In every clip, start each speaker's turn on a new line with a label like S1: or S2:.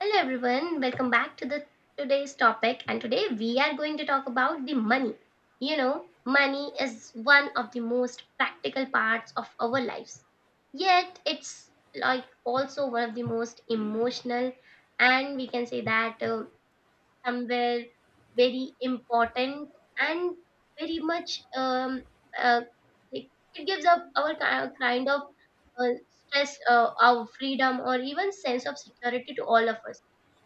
S1: Hello everyone, welcome back to the today's topic, and today we are going to talk about the money. You know, money is one of the most practical parts of our lives. Yet it's like also one of the most emotional, and we can say that somewhere very important and very much um uh, like it gives up our kind of stress, our freedom, or even sense of security to all of us.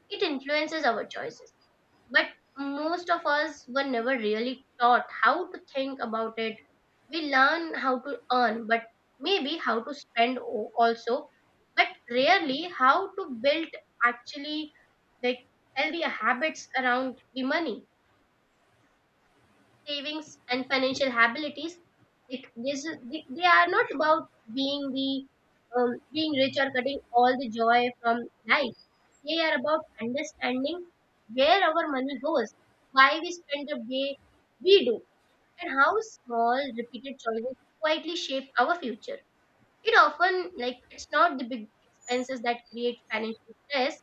S1: It influences our choices. But most of us were never really taught how to think about it. We learn how to earn, but maybe how to spend also, but rarely how to build actually, like, healthy habits around the money, savings, and financial abilities. It, this, is- they they are not about being the being rich or cutting all the joy from life. They are about understanding where our money goes, why we spend the way we do, and how small repeated choices quietly shape our future. It often, like, it's not the big expenses that create financial stress,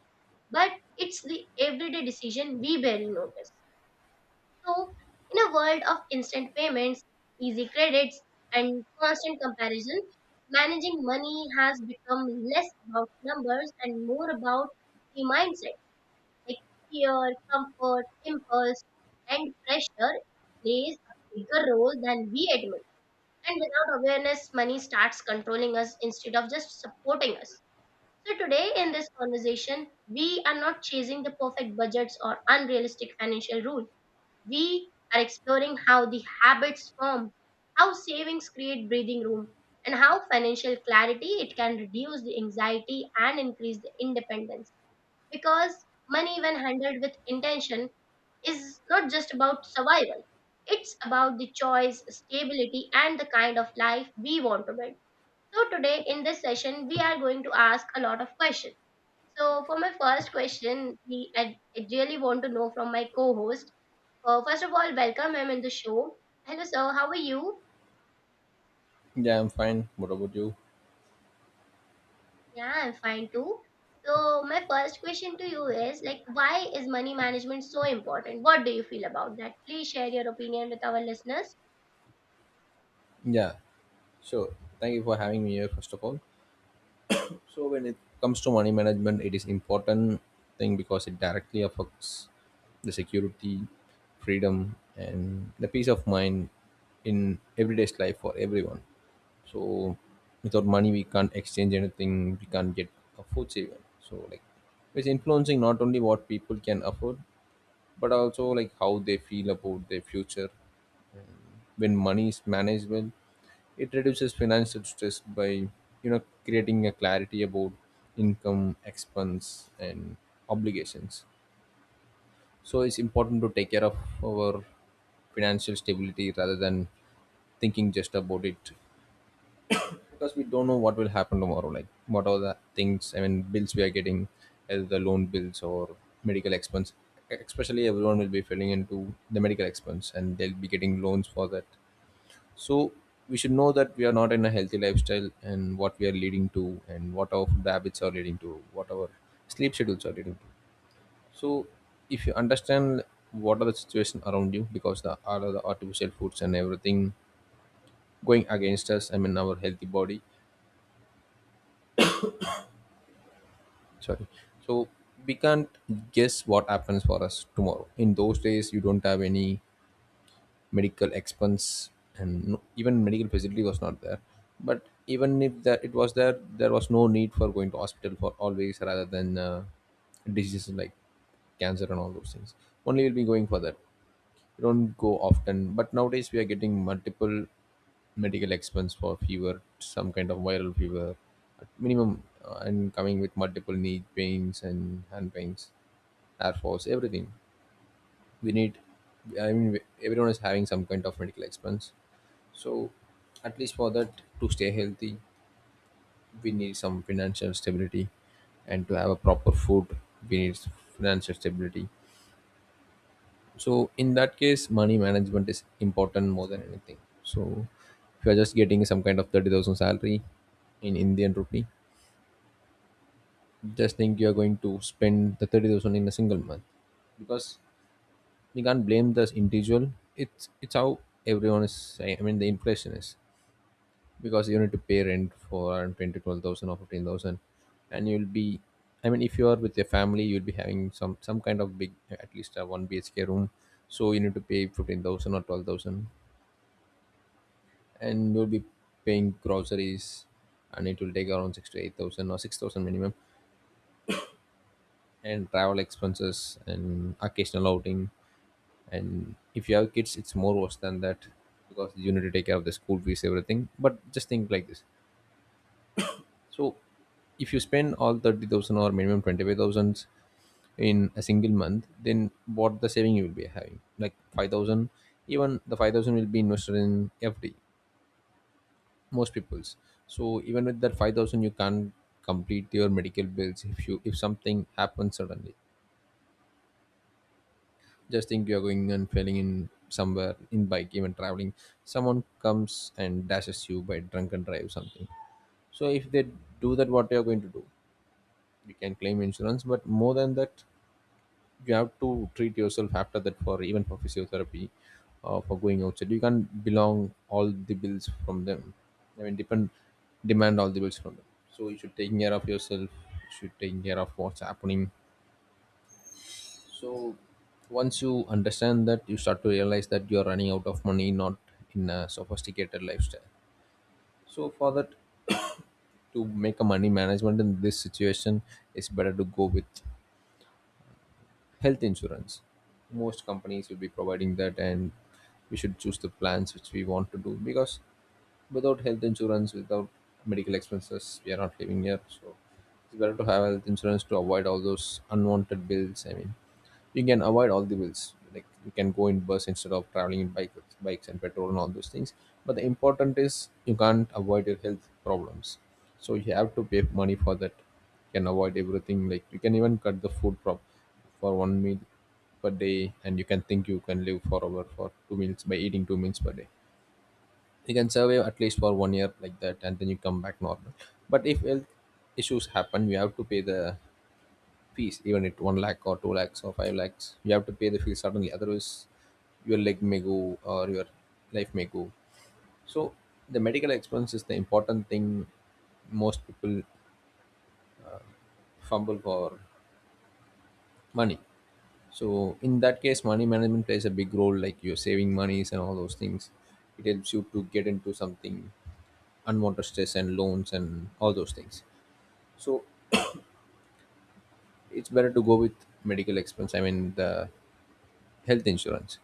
S1: but it's the everyday decision we barely notice. So, in a world of instant payments, easy credits, and constant comparison, managing money has become less about numbers and more about the mindset, like fear, comfort, impulse, and pressure plays a bigger role than we admit. And without awareness, money starts controlling us instead of just supporting us. So, today in this conversation, we are not chasing the perfect budgets or unrealistic financial rules. We are exploring how the habits form, how savings create breathing room, and how financial clarity, it can reduce the anxiety and increase the independence. Because money, when handled with intention, is not just about survival. It's about the choice, stability, and the kind of life we want to build. So today in this session, we are going to ask a lot of questions. So, for my first question, I really want to know from my co-host. First of all, welcome, I'm in the show. Hello, sir. How are you?
S2: Yeah, I'm fine. What about you?
S1: Yeah, I'm fine too. So, my first question to you is, like, why is money management so important? What do you feel about that? Please share your opinion with our listeners.
S2: Yeah. So, thank you for having me here, first of all. So, when it comes to money management, it is important thing because it directly affects the security, freedom, and the peace of mind in everyday's life for everyone. So, without money, we can't exchange anything. We can't get a food even. So, like, it's influencing not only what people can afford, but also like how they feel about their future. When money is managed well, it reduces financial stress by creating a clarity about income, expense, and obligations. So it's important to take care of our financial stability rather than thinking just about it, because we don't know what will happen tomorrow, like what are the things, I mean bills we are getting as the loan bills or medical expense. Especially everyone will be filling into the medical expense and they'll be getting loans for that. So we should know that we are not in a healthy lifestyle and what we are leading to, and what our food habits are leading to, what our sleep schedules are leading to. So if you understand what are the situation around you, because the all of the artificial foods and everything going against us, I mean our healthy body. Sorry. So we can't guess what happens for us tomorrow. In those days you don't have any medical expense, and no, even medical facility was not there. But even if that it was there, there was no need for going to hospital for always, rather than diseases like cancer and all those things, only we'll be going for that. We don't go often, but nowadays we are getting multiple medical expense for fever, some kind of viral fever at minimum, and coming with multiple knee pains and hand pains, air force everything we need, I mean everyone is having some kind of medical expense. So, at least for that, to stay healthy, we need some financial stability, and to have a proper food, we need financial stability. So, in that case, money management is important more than anything. So, if you are just getting some kind of 30,000 salary in Indian rupee, just think you are going to spend the 30,000 in a single month, because we can't blame this individual. It's how everyone is, I mean, the inflation is. Because you need to pay rent for around 10 to 12,000 or 15,000, and you'll be, I mean if you are with your family you'll be having some kind of big, at least a 1 BHK room, so you need to pay 15,000 or 12,000. And you'll be paying groceries, and it will take around 6 to 8,000 or 6,000 minimum, and travel expenses and occasional outing. And if you have kids it's more worse than that, because you need to take care of the school fees everything. But just think like this. So if you spend all 30,000 or minimum 25,000 in a single month, then what the saving you will be having? Like 5,000, even the 5,000 will be invested in FD, most people's. So even with that 5,000, you can't complete your medical bills if you if something happens suddenly. Just think you're going and failing in somewhere in bike, even traveling. Someone comes and dashes you by drunken drive or something. So if they do that, what you're going to do? You can claim insurance, but more than that, you have to treat yourself after that, for even for physiotherapy, for going outside you can't belong all the bills from them, I mean depend demand all the bills from them. So you should take care of yourself, you should take care of what's happening. So once you understand that, you start to realize that you're running out of money, not in a sophisticated lifestyle. So for that, to make a money management in this situation, it's better to go with health insurance. Most companies will be providing that, and we should choose the plans which we want to do, because without health insurance, without medical expenses, we are not living here. So it's better to have health insurance to avoid all those unwanted bills. I mean, you can avoid all the bills, like you can go in bus instead of traveling in bike, bikes and petrol and all those things. But the important is you can't avoid your health problems, so you have to pay money for that. You can avoid everything, like you can even cut the food prop for one meal per day, and you can think you can live forever for two meals by eating two meals per day. You can survive at least for one year like that, and then you come back normal. But if health issues happen you have to pay the fees, even at 1 lakh or 2 lakhs or 5 lakhs. You have to pay the fees suddenly, otherwise, your leg may go or your life may go. So, the medical expense is the important thing most people fumble for money. So, in that case, money management plays a big role, like you're saving monies and all those things. It helps you to get into something, unwanted stress and loans and all those things. So, it's better to go with medical expense. I mean, the health insurance,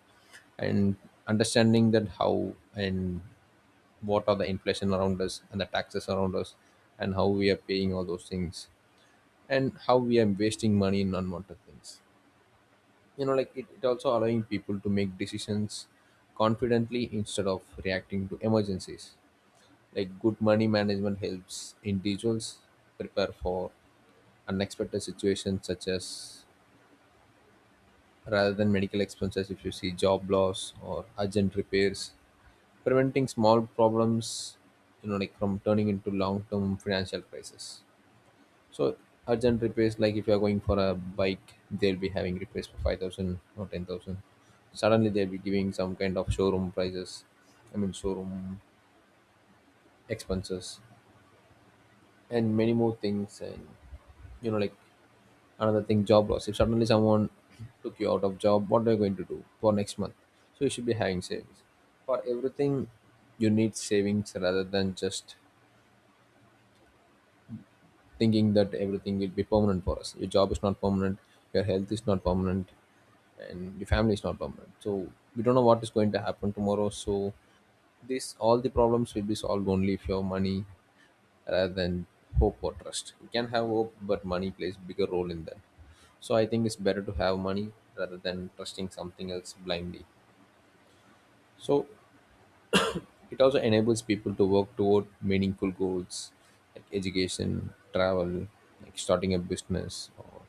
S2: and understanding that how and what are the inflation around us and the taxes around us, and how we are paying all those things, and how we are wasting money in unwanted things, like it also allowing people to make decisions confidently instead of reacting to emergencies. Like good money management helps individuals prepare for unexpected situations, such as rather than medical expenses, if you see, job loss or urgent repairs, preventing small problems, like from turning into long-term financial crisis. So, urgent repairs, like if you are going for a bike they'll be having repairs for 5,000 or 10,000, suddenly they'll be giving some kind of showroom prices, I mean showroom expenses, and many more things. And like, another thing, job loss, if suddenly someone took you out of job, what are you going to do for next month? So you should be having savings for everything. You need savings rather than just thinking that everything will be permanent for us. Your job is not permanent, your health is not permanent, and your family is not permanent. So we don't know what is going to happen tomorrow. So this all the problems will be solved only if you have money, rather than hope or trust. You can have hope, but money plays bigger role in that. So I think it's better to have money rather than trusting something else blindly. So it also enables people to work toward meaningful goals like education, travel, like starting a business or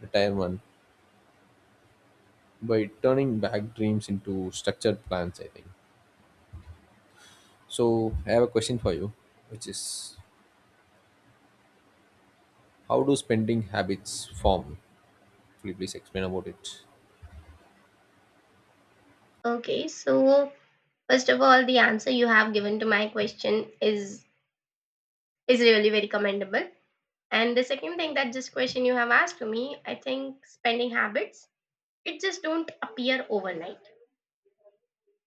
S2: retirement, by turning back dreams into structured plans, I think. So, I have a question for you, which is how do spending habits form? Will you please explain about it?
S1: Okay, so first of all, the answer you have given to my question is really very commendable. And the second thing, that this question you have asked to me, I think spending habits, it just don't appear overnight.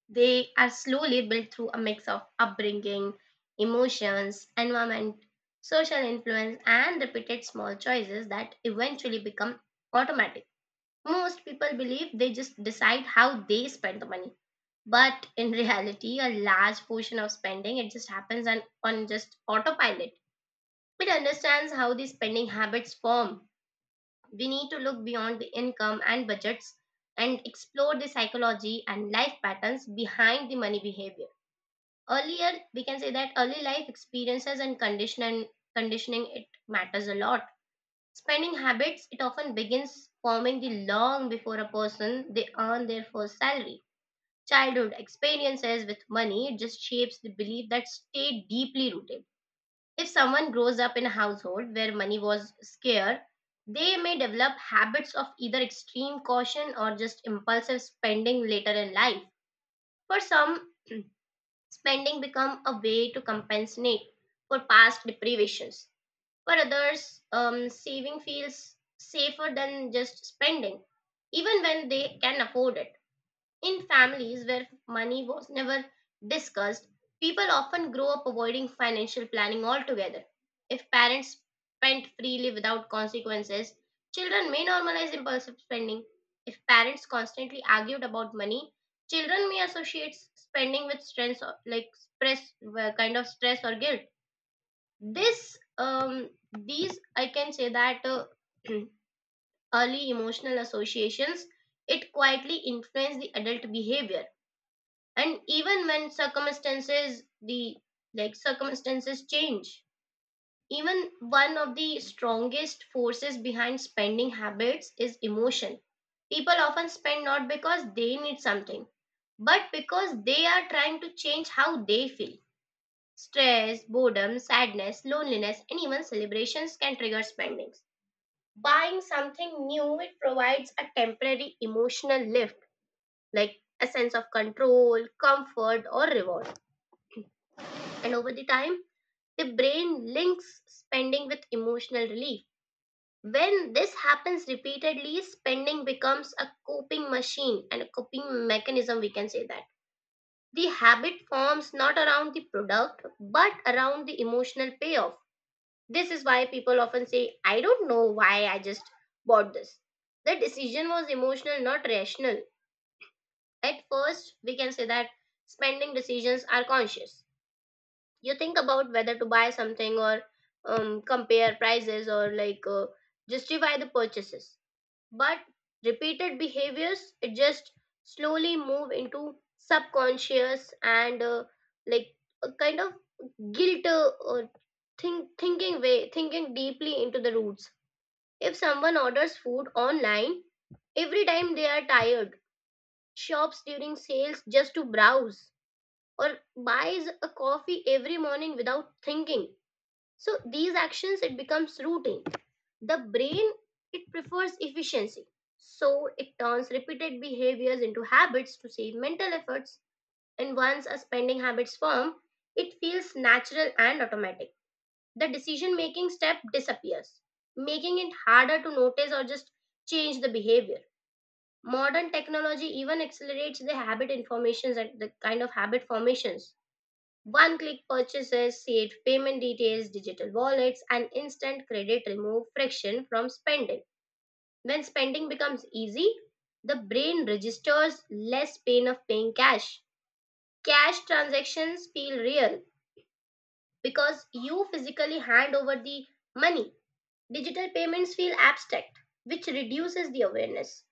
S1: They are slowly built through a mix of upbringing, emotions, environment, social influence, and repeated small choices that eventually become automatic. Most people believe they just decide how they spend the money. But in reality, a large portion of spending, it just happens on, just autopilot. It understands how these spending habits form. We need to look beyond the income and budgets and explore the psychology and life patterns behind the money behavior. Earlier, we can say that early life experiences and conditioning, it matters a lot. Spending habits, it often begins forming the long before a person they earn their first salary. Childhood experiences with money, it just shapes the belief that stay deeply rooted. If someone grows up in a household where money was scarce, they may develop habits of either extreme caution or just impulsive spending later in life. For some, spending become a way to compensate for past deprivations. For others, saving feels safer than just spending, even when they can afford it. In families where money was never discussed, people often grow up avoiding financial planning altogether. If parents spent freely without consequences, children may normalize impulsive spending. If parents constantly argued about money, children may associate spending with stress, or, like, stress, kind of stress or guilt. These, I can say that early emotional associations, it quietly influence the adult behavior, and even when circumstances the like circumstances change, even one of the strongest forces behind spending habits is emotion. People often spend not because they need something, but because they are trying to change how they feel. Stress, boredom, sadness, loneliness, and even celebrations can trigger spendings. Buying something new, it provides a temporary emotional lift, like a sense of control, comfort, or reward. And over the time, the brain links spending with emotional relief. When this happens repeatedly, spending becomes a coping machine, and a coping mechanism, we can say that. The habit forms not around the product, but around the emotional payoff. This is why people often say, "I don't know why I just bought this." The decision was emotional, not rational. At first, we can say that spending decisions are conscious. You think about whether to buy something, or compare prices, or, like, justify the purchases. But repeated behaviors, it just slowly move into subconscious, and, like a kind of guilt, or thinking way, thinking deeply into the roots. If someone orders food online every time they are tired, shops during sales just to browse, or buys a coffee every morning without thinking, so these actions, it becomes routine. The brain, it prefers efficiency. So it turns repeated behaviors into habits to save mental efforts. And once a spending habits form, it feels natural and automatic. The decision making step disappears, making it harder to notice or just change the behavior. Modern technology even accelerates the habit informations and the kind of habit formations. One click purchases, saved payment details, digital wallets, and instant credit remove friction from spending. When spending becomes easy, the brain registers less pain of paying cash. Cash transactions feel real because you physically hand over the money. Digital payments feel abstract, which reduces the awareness.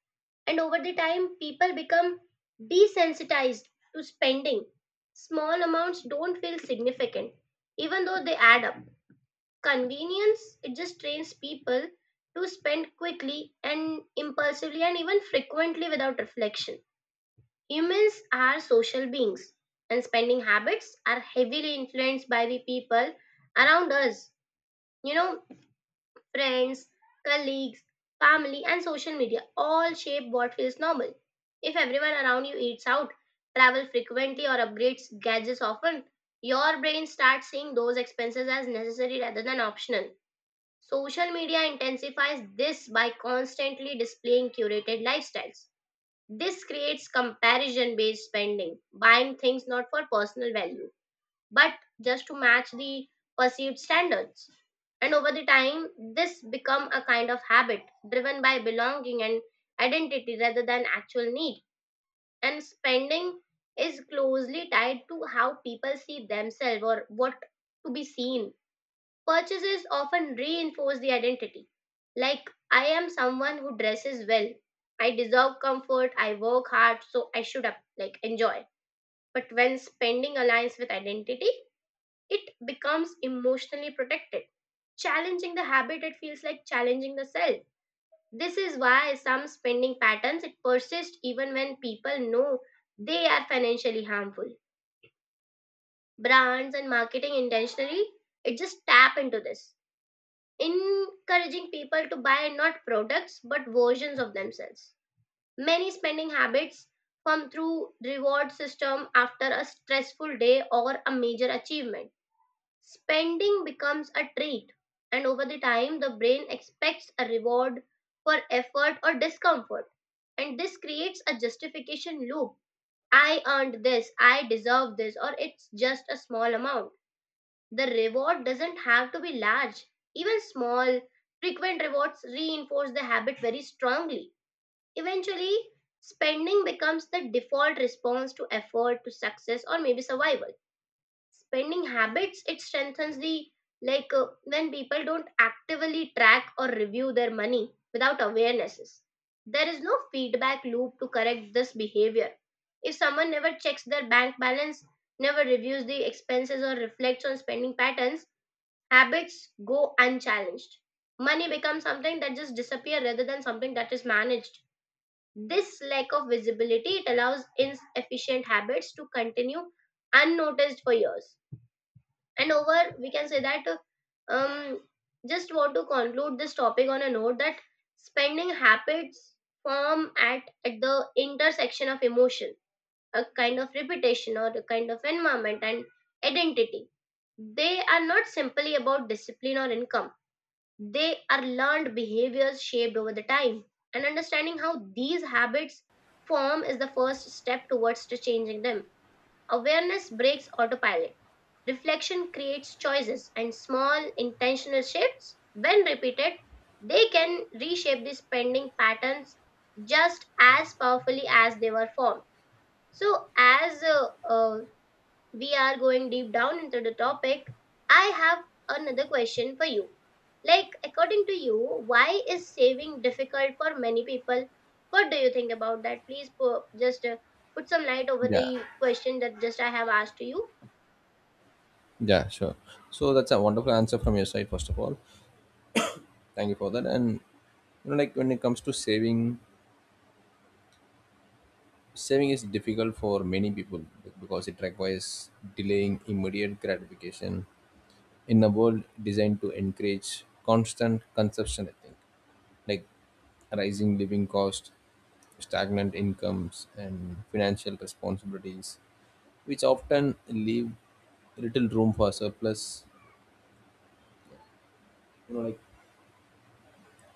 S1: And over the time, people become desensitized to spending. Small amounts don't feel significant, even though they add up. Convenience, it just trains people to spend quickly and impulsively and even frequently without reflection. Humans are social beings, and spending habits are heavily influenced by the people around us. You know, friends, colleagues, family, and social media all shape what feels normal. If everyone around you eats out, travels frequently, or upgrades gadgets often, your brain starts seeing those expenses as necessary rather than optional. Social media intensifies this by constantly displaying curated lifestyles. This creates comparison based spending, buying things not for personal value, but just to match the perceived standards. And over the time, this become a kind of habit driven by belonging and identity rather than actual need. And spending is closely tied to how people see themselves or what to be seen. Purchases often reinforce the identity. Like, I am someone who dresses well. I deserve comfort. I work hard, so I should up, like, enjoy. But when spending aligns with identity, it becomes emotionally protected. Challenging the habit, it feels like challenging the self. This is why some spending patterns it persist even when people know they are financially harmful. Brands and marketing intentionally, it just tap into this, encouraging people to buy not products but versions of themselves. Many spending habits come through reward system after a stressful day or a major achievement. Spending becomes a treat, and over the time the brain expects a reward for effort or discomfort, and this creates a justification loop. I earned this, I deserve this, or it's just a small amount. The reward doesn't have to be large. Even small, frequent rewards reinforce the habit very strongly. Eventually, spending becomes the default response to effort, to success, or maybe survival. Spending habits, it strengthens the when people don't actively track or review their money without awarenesses. There is no feedback loop to correct this behavior. If someone never checks their bank balance, never reviews the expenses or reflects on spending patterns, habits go unchallenged. Money becomes something that just disappears rather than something that is managed. This lack of visibility, it allows inefficient habits to continue unnoticed for years. And over, we can say that, um, just want to conclude this topic on a note that spending habits form at the intersection of emotion, a kind of repetition, or a kind of environment, and identity. They are not simply about discipline or income. They are learned behaviors shaped over the time, and understanding how these habits form is the first step towards to changing them. Awareness breaks autopilot. Reflection creates choices, and small intentional shifts, when repeated, they can reshape the spending patterns just as powerfully as they were formed. So, as we are going deep down into the topic, I have another question for you. Like, according to you, why is saving difficult for many people? What do you think about that? Please put, just put some light over
S2: Yeah,
S1: the question that just I have asked to you.
S2: yeah, sure. So that's a wonderful answer from your side, first of all. Thank you for that. And like when it comes to saving, saving is difficult for many people because it requires delaying immediate gratification in a world designed to encourage constant consumption, I think, like rising living costs, stagnant incomes, and financial responsibilities, which often leave little room for surplus, like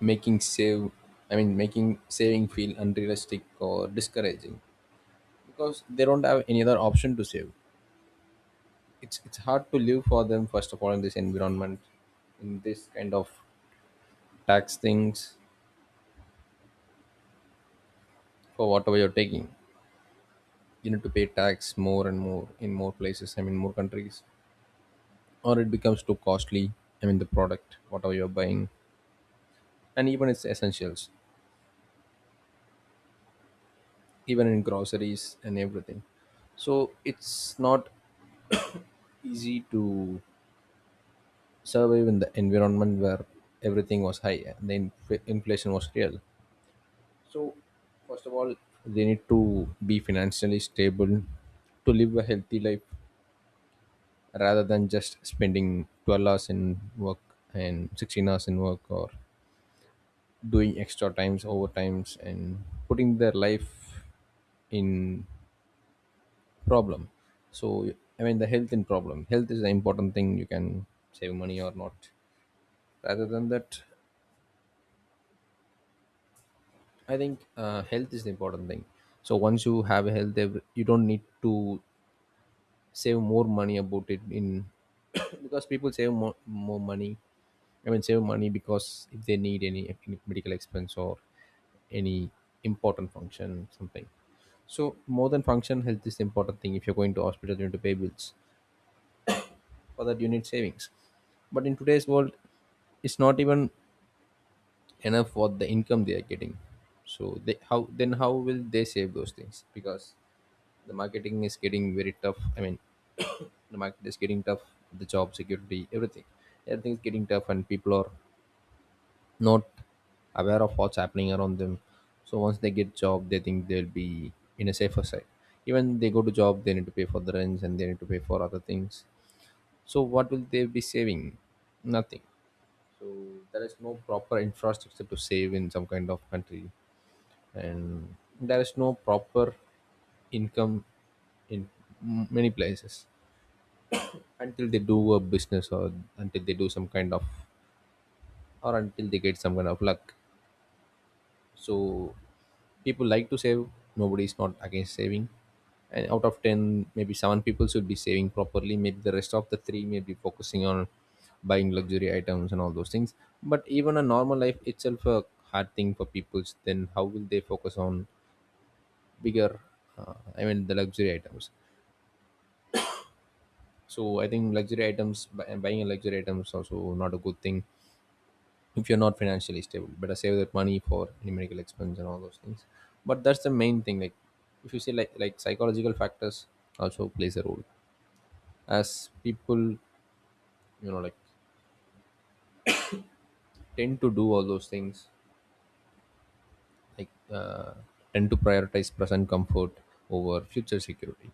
S2: making save, I mean, making saving feel unrealistic or discouraging, because they don't have any other option to save. It's hard to live for them, first of all, in this environment, in this kind of tax things. For whatever you're taking, you need to pay tax more and more in more places, I mean more countries, or it becomes too costly, I mean the product whatever you're buying, and even its essentials, even in groceries and everything. So it's not easy to survive in the environment where everything was high and the inflation was real. So, first of all, they need to be financially stable to live a healthy life, rather than just spending 12 hours in work and 16 hours in work, or doing extra times, overtimes, and putting their life in problem. So, I mean, the health in problem. Health is the important thing. You can save money or not. Rather than that, I think health is the important thing. So once you have a health, you don't need to save more money about it in because people save more money, I mean save money because if they need any medical expense or any important function something. So more than function, health is the important thing. If you're going to hospital you need to pay bills. For that you need savings. But in today's world it's not even enough for the income they are getting. So they, how then how will they save those things? Because the marketing is getting very tough. I mean, the market is getting tough. The job security, everything, everything is getting tough, and people are not aware of what's happening around them. So once they get job, they think they'll be in a safer side. Even they go to job, they need to pay for the rents and they need to pay for other things. So what will they be saving? Nothing. So there is no proper infrastructure to save in some kind of country, and there is no proper income in many places until they do a business or until they do some kind of, or until they get some kind of luck. So people like to save, nobody is not against saving. And out of 10, maybe 7 people should be saving properly, maybe the rest of the 3 may be focusing on buying luxury items and all those things. But even a normal life itself a hard thing for people, then how will they focus on bigger, I mean the luxury items. So I think luxury items, buying a luxury item is also not a good thing. If you're not financially stable, better save that money for any medical expense and all those things. But that's the main thing, like, if you say like, psychological factors also plays a role. As people, you know, like, tend to do all those things, like uh, tend to prioritize present comfort over future security.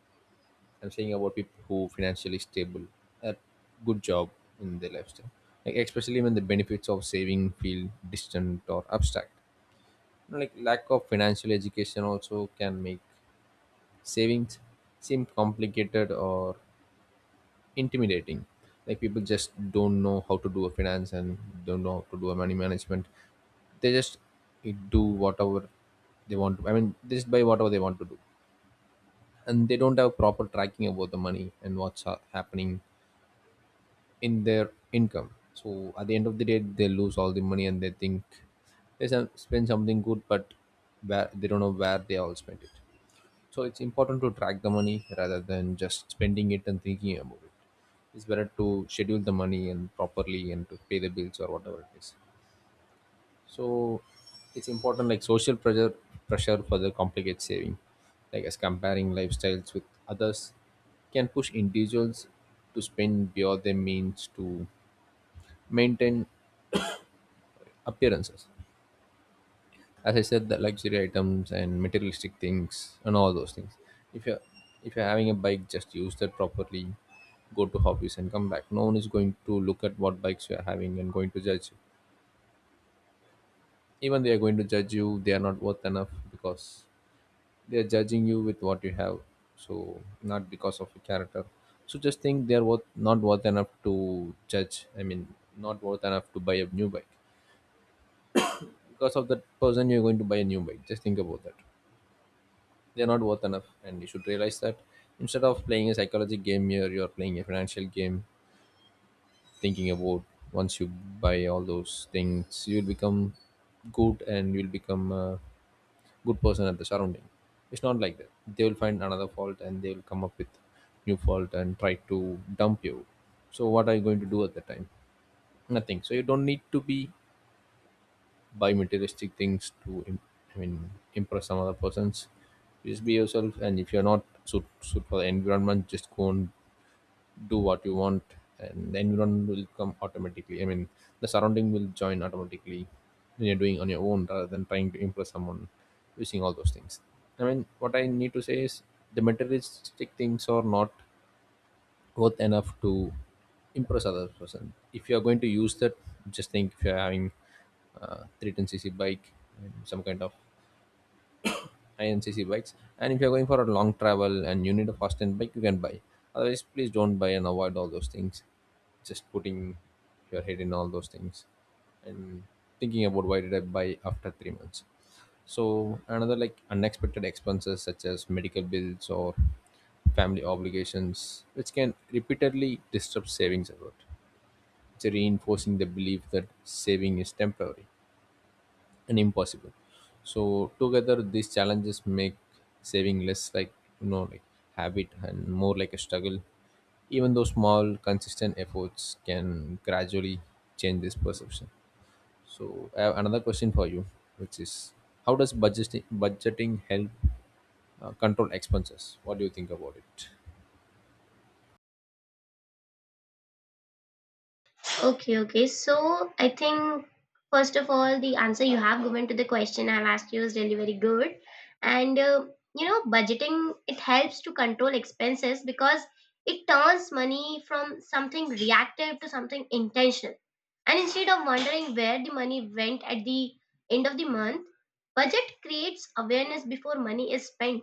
S2: I'm saying about people who financially stable, a good job in their lifestyle. Like especially when the benefits of saving feel distant or abstract. You know, like lack of financial education also can make savings seem complicated or intimidating. Like people just don't know how to do a finance and don't know how to do a money management. They just do whatever they want to. I mean, they just buy whatever they want to do, and they don't have proper tracking about the money and what's happening in their income. So at the end of the day, they lose all the money and they think they spend something good, but where they don't know where they all spent it. So it's important to track the money rather than just spending it and thinking about it. It's better to schedule the money and properly and to pay the bills or whatever it is. So it's important, like social pressure further complicates saving, like as comparing lifestyles with others can push individuals to spend beyond their means to maintain appearances. As I said, the luxury items and materialistic things and all those things. If you're if you're having a bike, just use that properly. Go to hobbies and come back. No one is going to look at what bikes you are having and going to judge you. Even they are going to judge you, they are not worth enough because they are judging you with what you have. So not because of your character. So just think they are worth, not worth enough to judge. I mean, not worth enough to buy a new bike because of that person you're going to buy a new bike. Just think about that, they're not worth enough and you should realize that. Instead of playing a psychology game, here you're playing a financial game, thinking about once you buy all those things you'll become good and you'll become a good person at the surrounding. It's not like that, they will find another fault and they will come up with new fault and try to dump you. So what are you going to do at that time? Nothing. So you don't need to be buy materialistic things to I mean impress some other persons. Just be yourself, and if you're not suit for the environment, just go and do what you want, and the environment will come automatically. I mean, the surrounding will join automatically when you're doing on your own rather than trying to impress someone using all those things. I mean, what I need to say is the materialistic things are not worth enough to impress other person. If you are going to use that, just think if you are having 310cc bike and some kind of high end cc bikes, and if you are going for a long travel and you need a fast end bike, you can buy. Otherwise please don't buy and avoid all those things, just putting your head in all those things and thinking about why did I buy after 3 months. So another like unexpected expenses such as medical bills or family obligations, which can repeatedly disrupt savings effort. It's reinforcing the belief that saving is temporary and impossible. So together these challenges make saving less like, you know, like habit and more like a struggle. Even though small consistent efforts can gradually change this perception. So I have another question for you, which is how does budgeting help control expenses? What do you think about it?
S1: Okay, okay. So I think first of all, the answer you have given to the question I've asked you is really very good, and budgeting it helps to control expenses because it turns money from something reactive to something intentional. And instead of wondering where the money went at the end of the month, budget creates awareness before money is spent.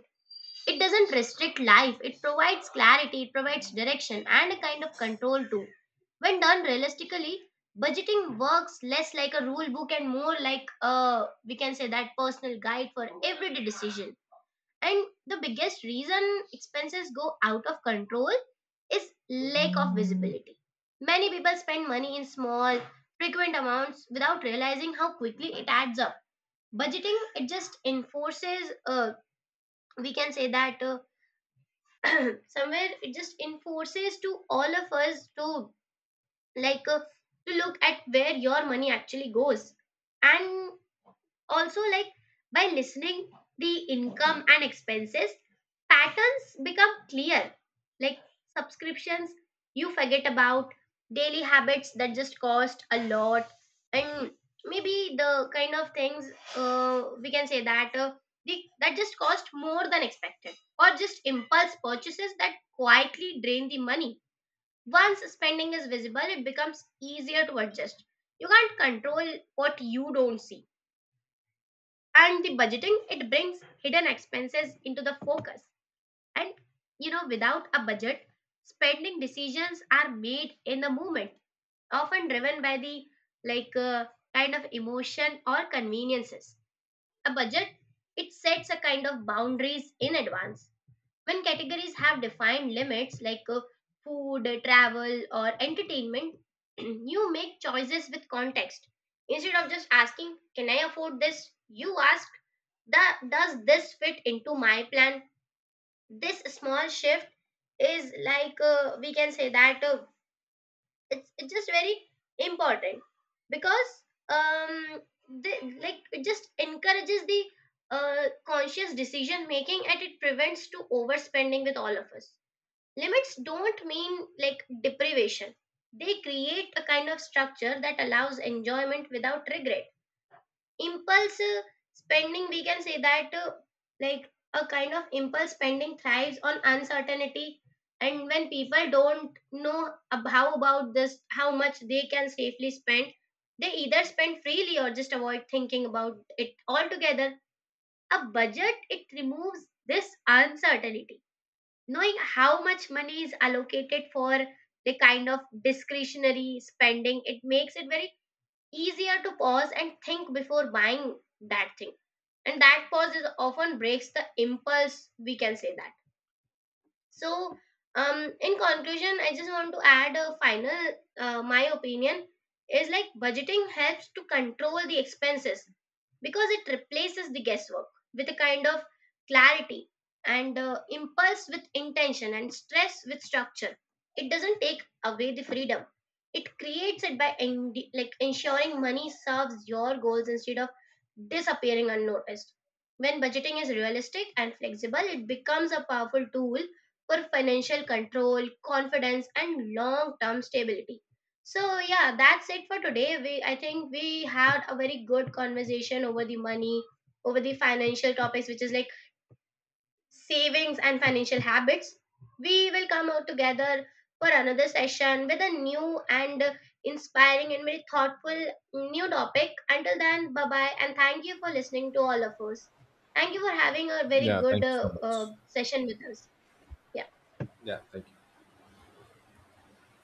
S1: It doesn't restrict life, it provides clarity, it provides direction, and a kind of control too. When done realistically, budgeting works less like a rule book and more like a, we can say that, personal guide for everyday decision. And the biggest reason expenses go out of control is lack of visibility. Many people spend money in small, frequent amounts without realizing how quickly it adds up. Budgeting, it just enforces, we can say that. Somewhere it just enforces to all of us to like uh, to look at where your money actually goes, and also like, by listening the income and expenses patterns become clear, like subscriptions you forget about, daily habits that just cost a lot, and maybe the kind of things, we can say that the, that just cost more than expected, or just impulse purchases that quietly drain the money. Once spending is visible, it becomes easier to adjust. You can't control what you don't see, and the budgeting it brings hidden expenses into the focus. And you know, without a budget, spending decisions are made in the moment, often driven by the like uh, kind of emotion or conveniences. A budget, it sets a kind of boundaries in advance. When categories have defined limits like food, travel, or entertainment, you make choices with context. Instead of just asking, can I afford this, you ask that, does this fit into my plan? This small shift is like we can say that it's just very important because um the, like it just encourages the conscious decision making, and it prevents to overspending with all of us. Limits don't mean like deprivation, they create a kind of structure that allows enjoyment without regret. Impulse spending we can say that like a kind of impulse spending thrives on uncertainty. And when people don't know how about this, how much they can safely spend, they either spend freely or just avoid thinking about it altogether. A budget, it removes this uncertainty. Knowing how much money is allocated for the kind of discretionary spending, it makes it very easier to pause and think before buying that thing. And that pause is often breaks the impulse, we can say that. So, in conclusion, I just want to add a final, my opinion is like budgeting helps to control the expenses because it replaces the guesswork with a kind of clarity, and impulse with intention, and stress with structure. It doesn't take away the freedom. It creates it by like ensuring money serves your goals instead of disappearing unnoticed. When budgeting is realistic and flexible, it becomes a powerful tool for financial control, confidence, and long-term stability. So yeah, that's it for today. We I think we had a very good conversation over the money, over the financial topics, which is like savings and financial habits. We will come out together for another session with a new and inspiring and very thoughtful new topic. Until then, bye bye, and thank you for listening to all of us. Thank you for having a very
S2: Yeah,
S1: good
S2: thank you so much.
S1: session with us. Yeah.
S2: Yeah, thank you.